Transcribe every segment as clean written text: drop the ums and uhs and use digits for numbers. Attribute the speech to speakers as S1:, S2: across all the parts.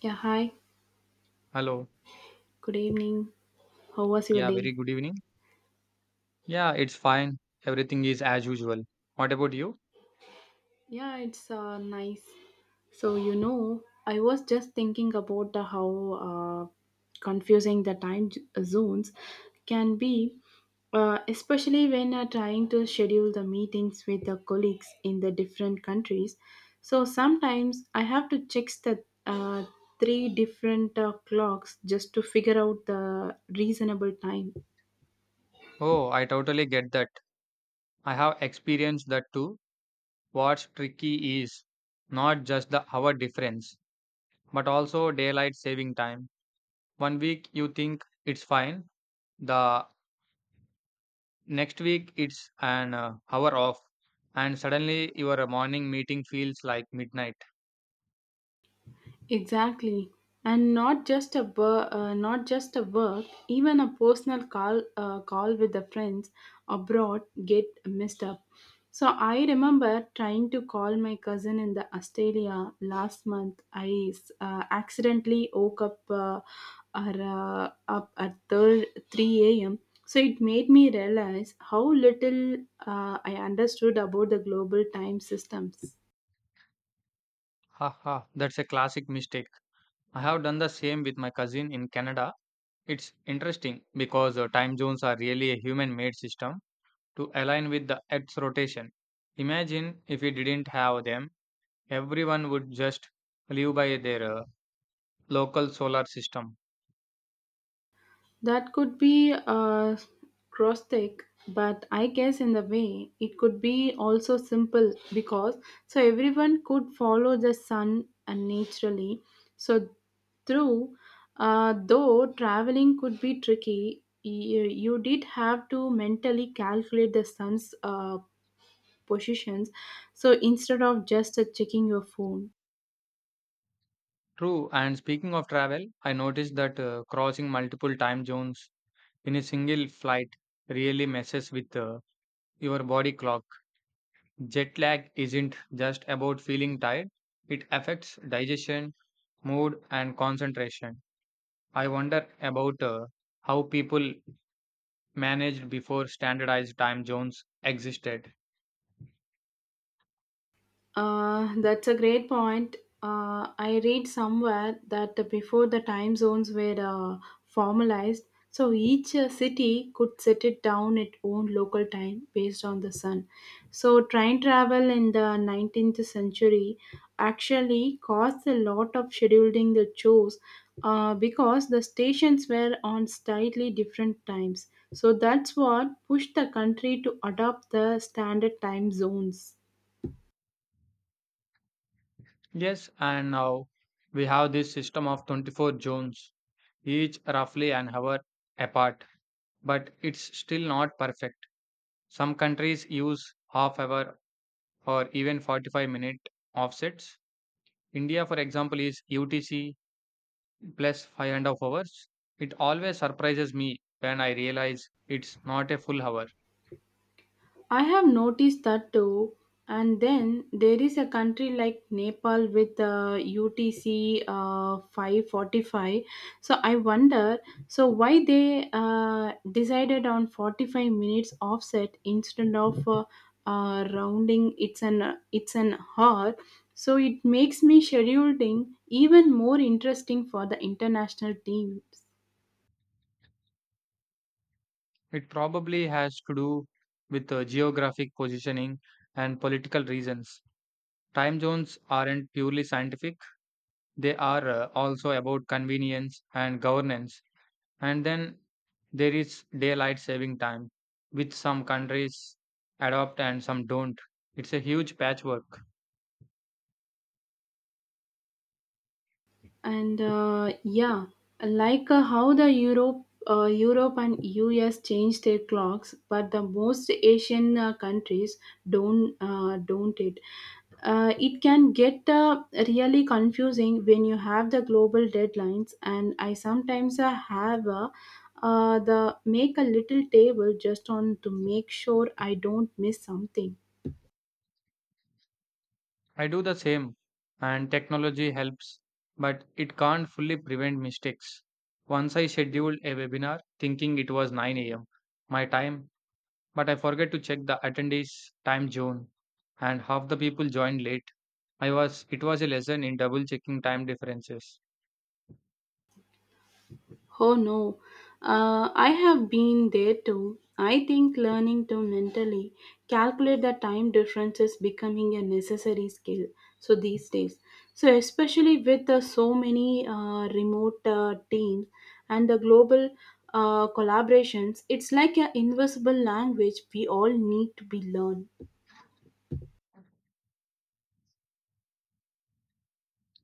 S1: Yeah, hi.
S2: Hello.
S1: Good evening. How was your
S2: Yeah, very
S1: day?
S2: good evening. Yeah, it's fine. Everything is as usual. What about you?
S1: Yeah, it's nice. So, you know, I was just thinking about the how uh, confusing the time zones can be, especially when trying to schedule the meetings with the colleagues in the different countries. So, sometimes I have to check the three different clocks just to figure out the reasonable time.
S2: Oh, I totally get that. I have experienced that too. What's tricky is not just the hour difference, but also daylight saving time. One week you think it's fine, the next week it's an hour off, and suddenly your morning meeting feels like midnight.
S1: Exactly, and not just a not just a work, even a personal call with the friends abroad get messed up. So I remember trying to call my cousin in the Australia last month. I accidentally woke up up at third 3 a.m. So it made me realize how little I understood about the global time systems.
S2: Haha, that's a classic mistake. I have done the same with my cousin in Canada. It's interesting because time zones are really a human made system to align with the Earth's rotation. Imagine if we didn't have them, everyone would just live by their local solar system.
S1: That could be grotesque, but I guess in the way it could be also simple because so everyone could follow the sun and naturally. So through, though traveling could be tricky, you did have to mentally calculate the sun's positions. So instead of just checking your phone.
S2: True, and speaking of travel, I noticed that crossing multiple time zones in a single flight really messes with your body clock. Jet lag isn't just about feeling tired, it affects digestion, mood, and concentration. I wonder about how people managed before standardized time zones existed.
S1: That's a great point. I read somewhere that before the time zones were formalized, so each city could set it down its own local time based on the sun. So train travel in the 19th century actually caused a lot of scheduling the chores because the stations were on slightly different times. So that's what pushed the country to adopt the standard time zones.
S2: Yes, and now we have this system of 24 zones, each roughly an hour apart, but it's still not perfect. Some countries use half hour or even 45-minute offsets. India, for example, is UTC plus 5 and a half hours. It always surprises me when I realize it's not a full hour.
S1: I have noticed that too. And then there is a country like Nepal with UTC 545. So I wonder, so why they decided on 45 minutes offset instead of rounding? It's an hour. So it makes me scheduling even more interesting for the international teams.
S2: It probably has to do with geographic positioning and political reasons. Time zones aren't purely scientific, they are also about convenience and governance. And then there is daylight saving time, which some countries adopt and some don't. It's a huge patchwork.
S1: And yeah, like how the Europe and US change their clocks, but the most Asian countries don't. It can get really confusing when you have the global deadlines, and I sometimes have the make a little table just on to make sure I don't miss something.
S2: I do the same, and technology helps, but it can't fully prevent mistakes. Once I scheduled a webinar thinking it was 9 a.m. my time, but I forget to check the attendees time zone and half the people joined late. I was it was a lesson in double checking time differences.
S1: Oh no, I have been there too. I think learning to mentally calculate the time difference is becoming a necessary skill. So these days, so especially with so many remote teams and the global collaborations, it's like an invisible language we all need to be learned.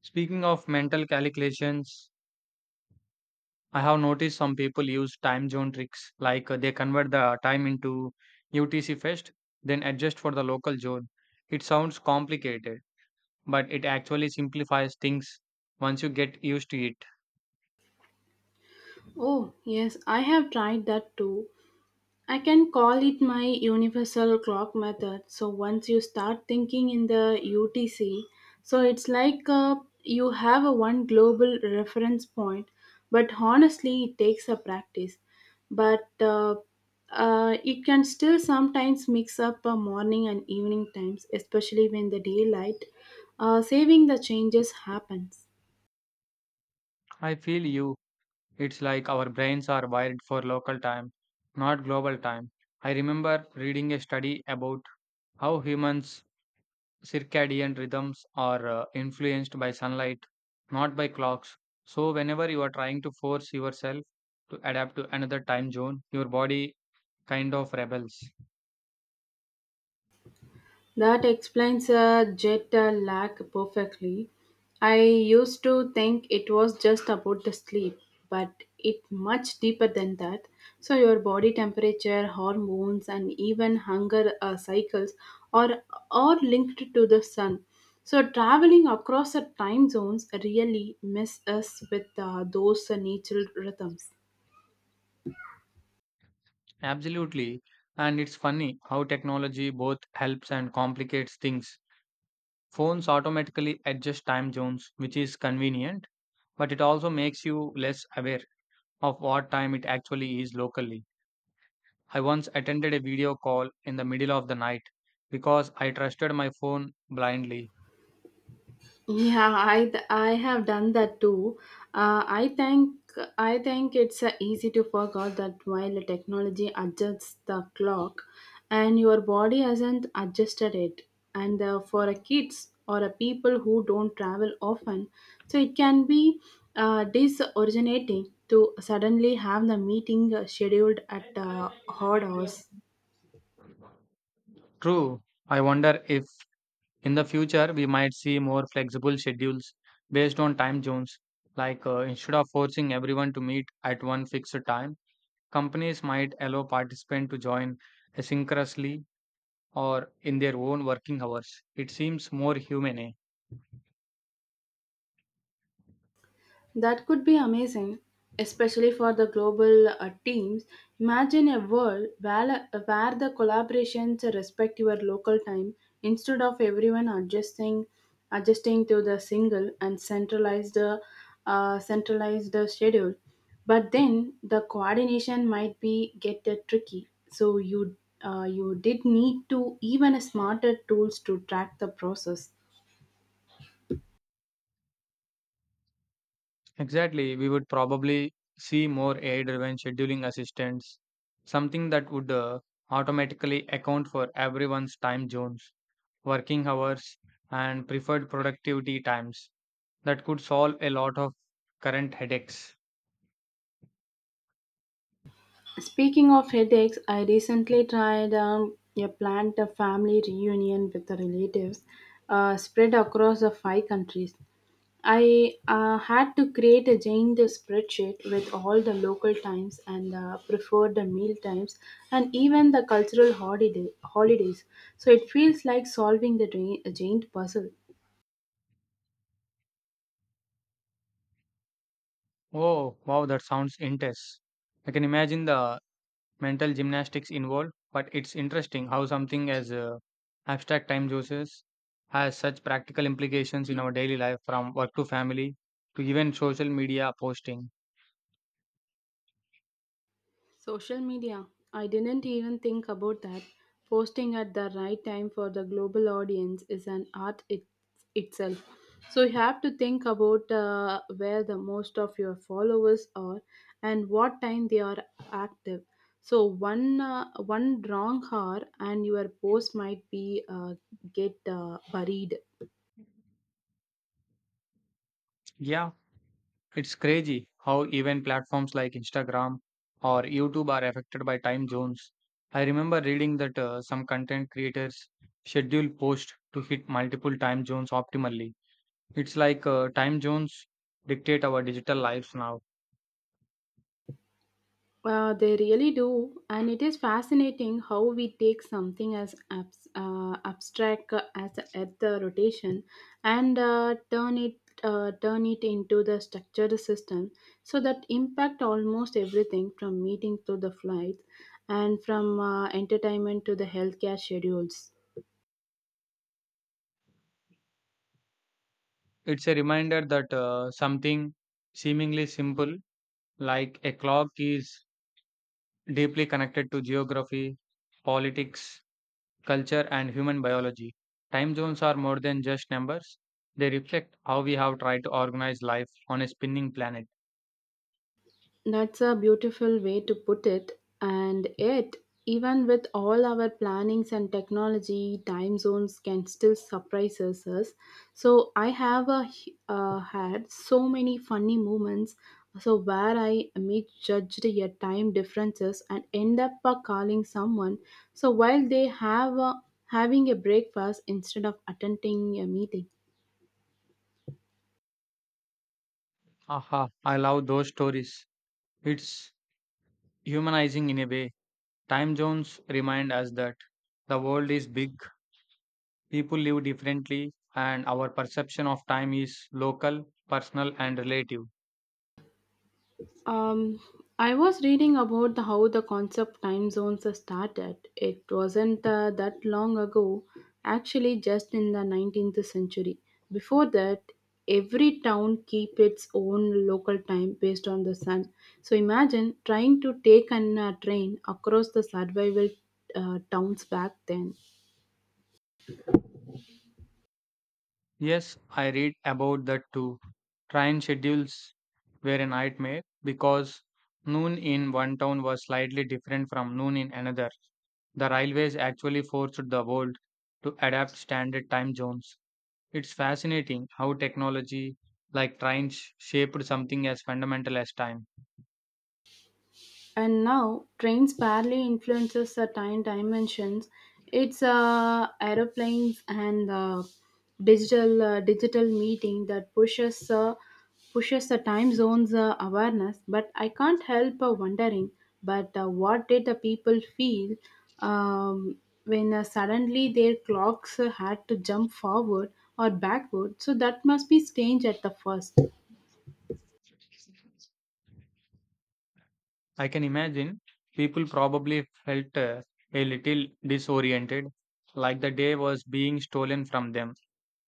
S2: Speaking of mental calculations, I have noticed some people use time zone tricks like they convert the time into UTC first, then adjust for the local zone. It sounds complicated, but it actually simplifies things once you get used to it.
S1: Oh, yes, I have tried that too. I can call it my universal clock method. So once you start thinking in the UTC, so it's like you have a one global reference point, but honestly, it takes a practice. But it can still sometimes mix up morning and evening times, especially when the daylight saving the changes happens.
S2: I feel you. It's like our brains are wired for local time, not global time. I remember reading a study about how humans' circadian rhythms are influenced by sunlight, not by clocks. So, whenever you are trying to force yourself to adapt to another time zone, your body kind of rebels.
S1: That explains jet lag perfectly. I used to think it was just about the sleep, but it much deeper than that. So your body temperature, hormones, and even hunger cycles are are linked to the sun. So traveling across the time zones really mess us with those natural rhythms.
S2: Absolutely. And it's funny how technology both helps and complicates things. Phones automatically adjust time zones, which is convenient, but it also makes you less aware of what time it actually is locally. I once attended a video call in the middle of the night because I trusted my phone blindly.
S1: Yeah, I have done that too. Uh, I think I think it's easy to forget that while the technology adjusts the clock, and your body hasn't adjusted it. And for a kids or a people who don't travel often, so it can be disoriginating to suddenly have the meeting scheduled at odd hours.
S2: True, I wonder if in the future we might see more flexible schedules based on time zones. Like instead of forcing everyone to meet at one fixed time, companies might allow participants to join asynchronously or in their own working hours. It seems more humane, eh?
S1: That could be amazing, especially for the global teams. Imagine a world where the collaborations respect your local time instead of everyone adjusting to the single and centralized schedule. But then the coordination might be get tricky. So you did need to even smarter tools to track the process.
S2: Exactly, we would probably see more AI-driven scheduling assistants, something that would automatically account for everyone's time zones, working hours, and preferred productivity times. That could solve a lot of current headaches.
S1: Speaking of headaches, I recently tried a planned family reunion with the relatives spread across the five countries. I had to create a giant spreadsheet with all the local times and preferred meal times and even the cultural holidays. So it feels like solving the a giant puzzle.
S2: Oh, wow, that sounds intense. I can imagine the mental gymnastics involved, but it's interesting how something as abstract time juices has such practical implications in our daily life, from work to family to even social media posting.
S1: Social media. I didn't even think about that. Posting at the right time for the global audience is an art itself. So you have to think about where the most of your followers are and what time they are active. So one wrong hour and your post might be get buried.
S2: Yeah, it's crazy how even platforms like Instagram or YouTube are affected by time zones. I remember reading that some content creators schedule posts to hit multiple time zones optimally. It's like time zones dictate our digital lives now.
S1: They really do, and it is fascinating how we take something as abstract as the Earth rotation and turn it into the structured system, so that impact almost everything from meeting to the flight, and from entertainment to the healthcare schedules.
S2: It's a reminder that something seemingly simple like a clock is deeply connected to geography, politics, culture, and human biology. Time zones are more than just numbers, they reflect how we have tried to organize life on a spinning planet.
S1: That's a beautiful way to put it. And yet, even with all our plannings and technology, time zones can still surprise us. So, I had so many funny moments. So, where I misjudged your time differences and end up calling someone. So, while they have having a breakfast instead of attending a meeting.
S2: Aha, I love those stories. It's humanizing in a way. Time zones remind us that the world is big, people live differently, and our perception of time is local, personal, and relative.
S1: Um, I was reading about the, how the concept time zones started. It wasn't that long ago, actually, just in the 19th century. Before that, every town keep its own local time based on the sun. So imagine trying to take an train across the survival towns back then.
S2: Yes, I read about that too. Train schedules were a nightmare because noon in one town was slightly different from noon in another. The railways actually forced the world to adapt standard time zones. It's fascinating how technology like trains shaped something as fundamental as time.
S1: And now trains barely influences the time dimensions. It's aeroplanes and digital meeting that pushes the time zones awareness. But I can't help wondering but what did the people feel, um, when suddenly their clocks had to jump forward or backward. So that must be strange at the first.
S2: I can imagine people probably felt a little disoriented, like the day was being stolen from them.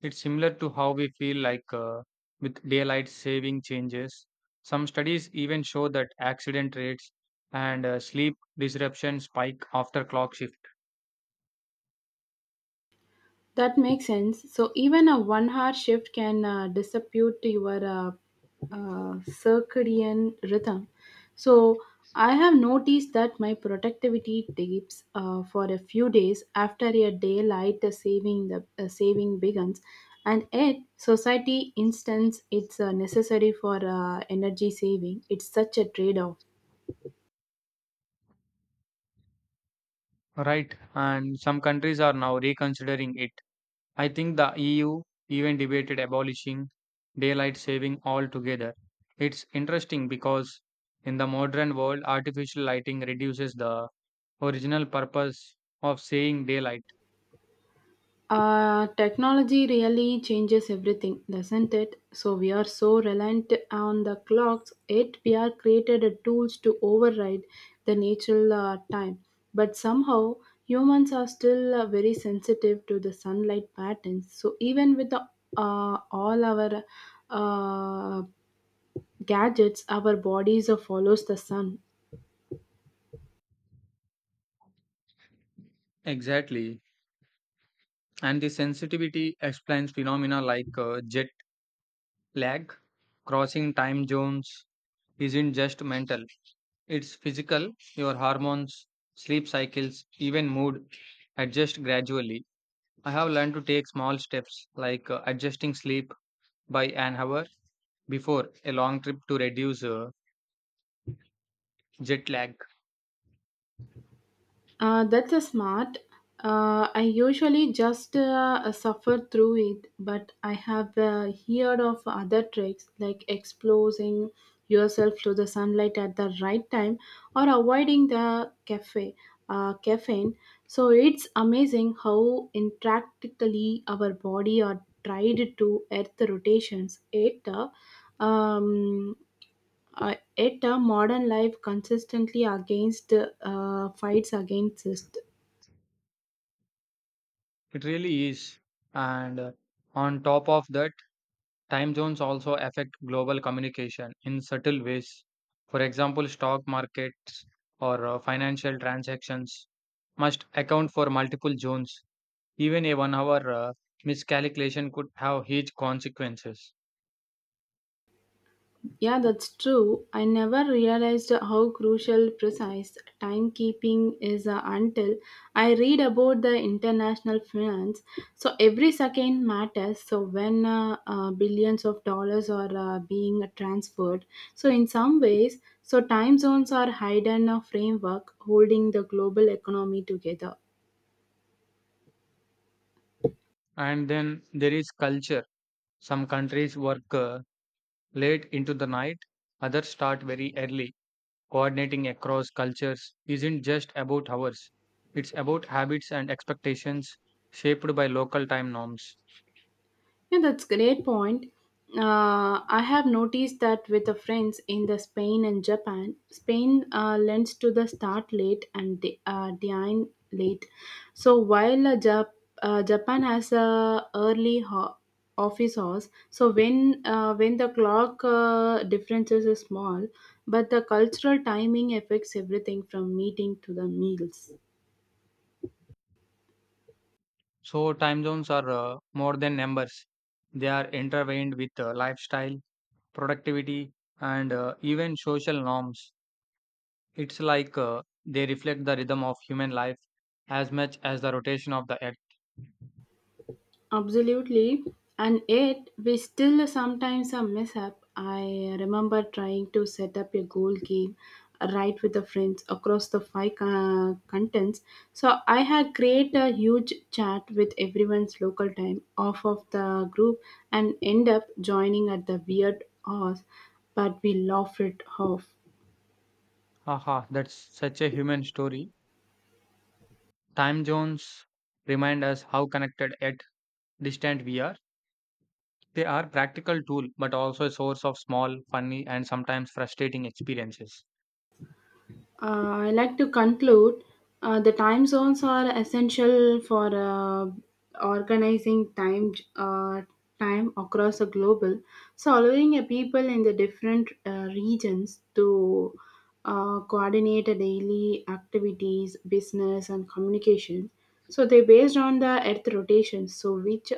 S2: It's similar to how we feel like with daylight saving changes. Some studies even show that accident rates and sleep disruption spike after clock shift.
S1: That makes sense. So even a one-hour shift can disrupt your uh, uh, circadian rhythm. So I have noticed that my productivity dips for a few days after a daylight saving begins, and yet society instance it's necessary for energy saving. It's such a trade-off.
S2: Right, and some countries are now reconsidering it. I think the EU even debated abolishing daylight saving altogether. It's interesting because in the modern world, artificial lighting reduces the original purpose of saying daylight.
S1: Technology really changes everything, doesn't it? So we are so reliant on the clocks, yet we are created a tools to override the natural time. But somehow humans are still very sensitive to the sunlight patterns. So even with the all our uh, gadgets, our bodies follows the sun.
S2: Exactly. And the sensitivity explains phenomena like jet lag. Crossing time zones isn't just mental, it's physical. Your hormones, sleep cycles, even mood adjust gradually. I have learned to take small steps like adjusting sleep by an hour before a long trip to reduce jet lag.
S1: That's a smart. I usually just suffer through it, but I have heard of other tricks like exposing yourself to the sunlight at the right time or avoiding the cafe caffeine. So it's amazing how impractically our body are tried to earth rotations. Um, Modern life consistently against fights against this.
S2: It really is. And on top of that, time zones also affect global communication in subtle ways. For example, stock markets or financial transactions must account for multiple zones. Even a 1 hour miscalculation could have huge consequences.
S1: Yeah, that's true. I never realized how crucial precise timekeeping is until I read about the international finance. So every second matters. So when billions of dollars are being transferred, so in some ways, so time zones are hidden a framework holding the global economy together.
S2: And then there is culture. Some countries work late into the night, others start very early. Coordinating across cultures isn't just about hours, it's about habits and expectations shaped by local time norms.
S1: Yeah, that's great point. I have noticed that with the friends in the Spain and Japan. Spain lends to the start late and dine late. So while Japan has a early office hours, so when the clock differences is small, but the cultural timing affects everything from meeting to the meals.
S2: So time zones are more than numbers. They are intertwined with lifestyle, productivity, and even social norms. It's like they reflect the rhythm of human life as much as the rotation of the earth.
S1: Absolutely. And yet, we still sometimes a mess up. I remember trying to set up a goal game right with the friends across the five continents. So I had create a huge chat with everyone's local time off of the group and end up joining at the weird hours, but we laughed it off.
S2: Aha, that's such a human story. Time zones remind us how connected yet distant we are. They are practical tool, but also a source of small, funny, and sometimes frustrating experiences.
S1: I like to conclude the time zones are essential for organizing time across the global, so allowing a people in the different regions to coordinate a daily activities, business, and communication. So they're based on the Earth rotation, so which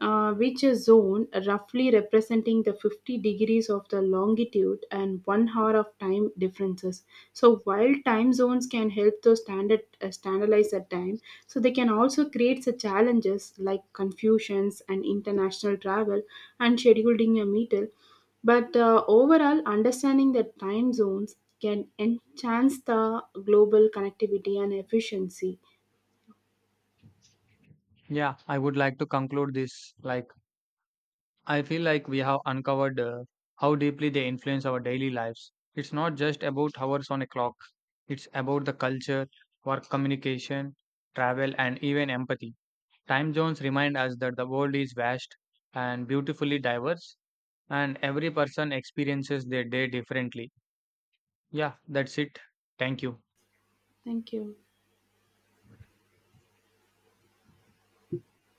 S1: uh, which is zone roughly representing the 50 degrees of the longitude and 1 hour of time differences. So while time zones can help to standardize a time, so they can also create such challenges like confusions and international travel and scheduling a meeting. But overall, understanding the time zones can enhance the global connectivity and efficiency.
S2: Yeah, I would like to conclude this like. I feel like we have uncovered how deeply they influence our daily lives. It's not just about hours on a clock, it's about the culture, work communication, travel, and even empathy. Time zones remind us that the world is vast and beautifully diverse, and every person experiences their day differently. Yeah, that's it. Thank you.
S1: Thank you.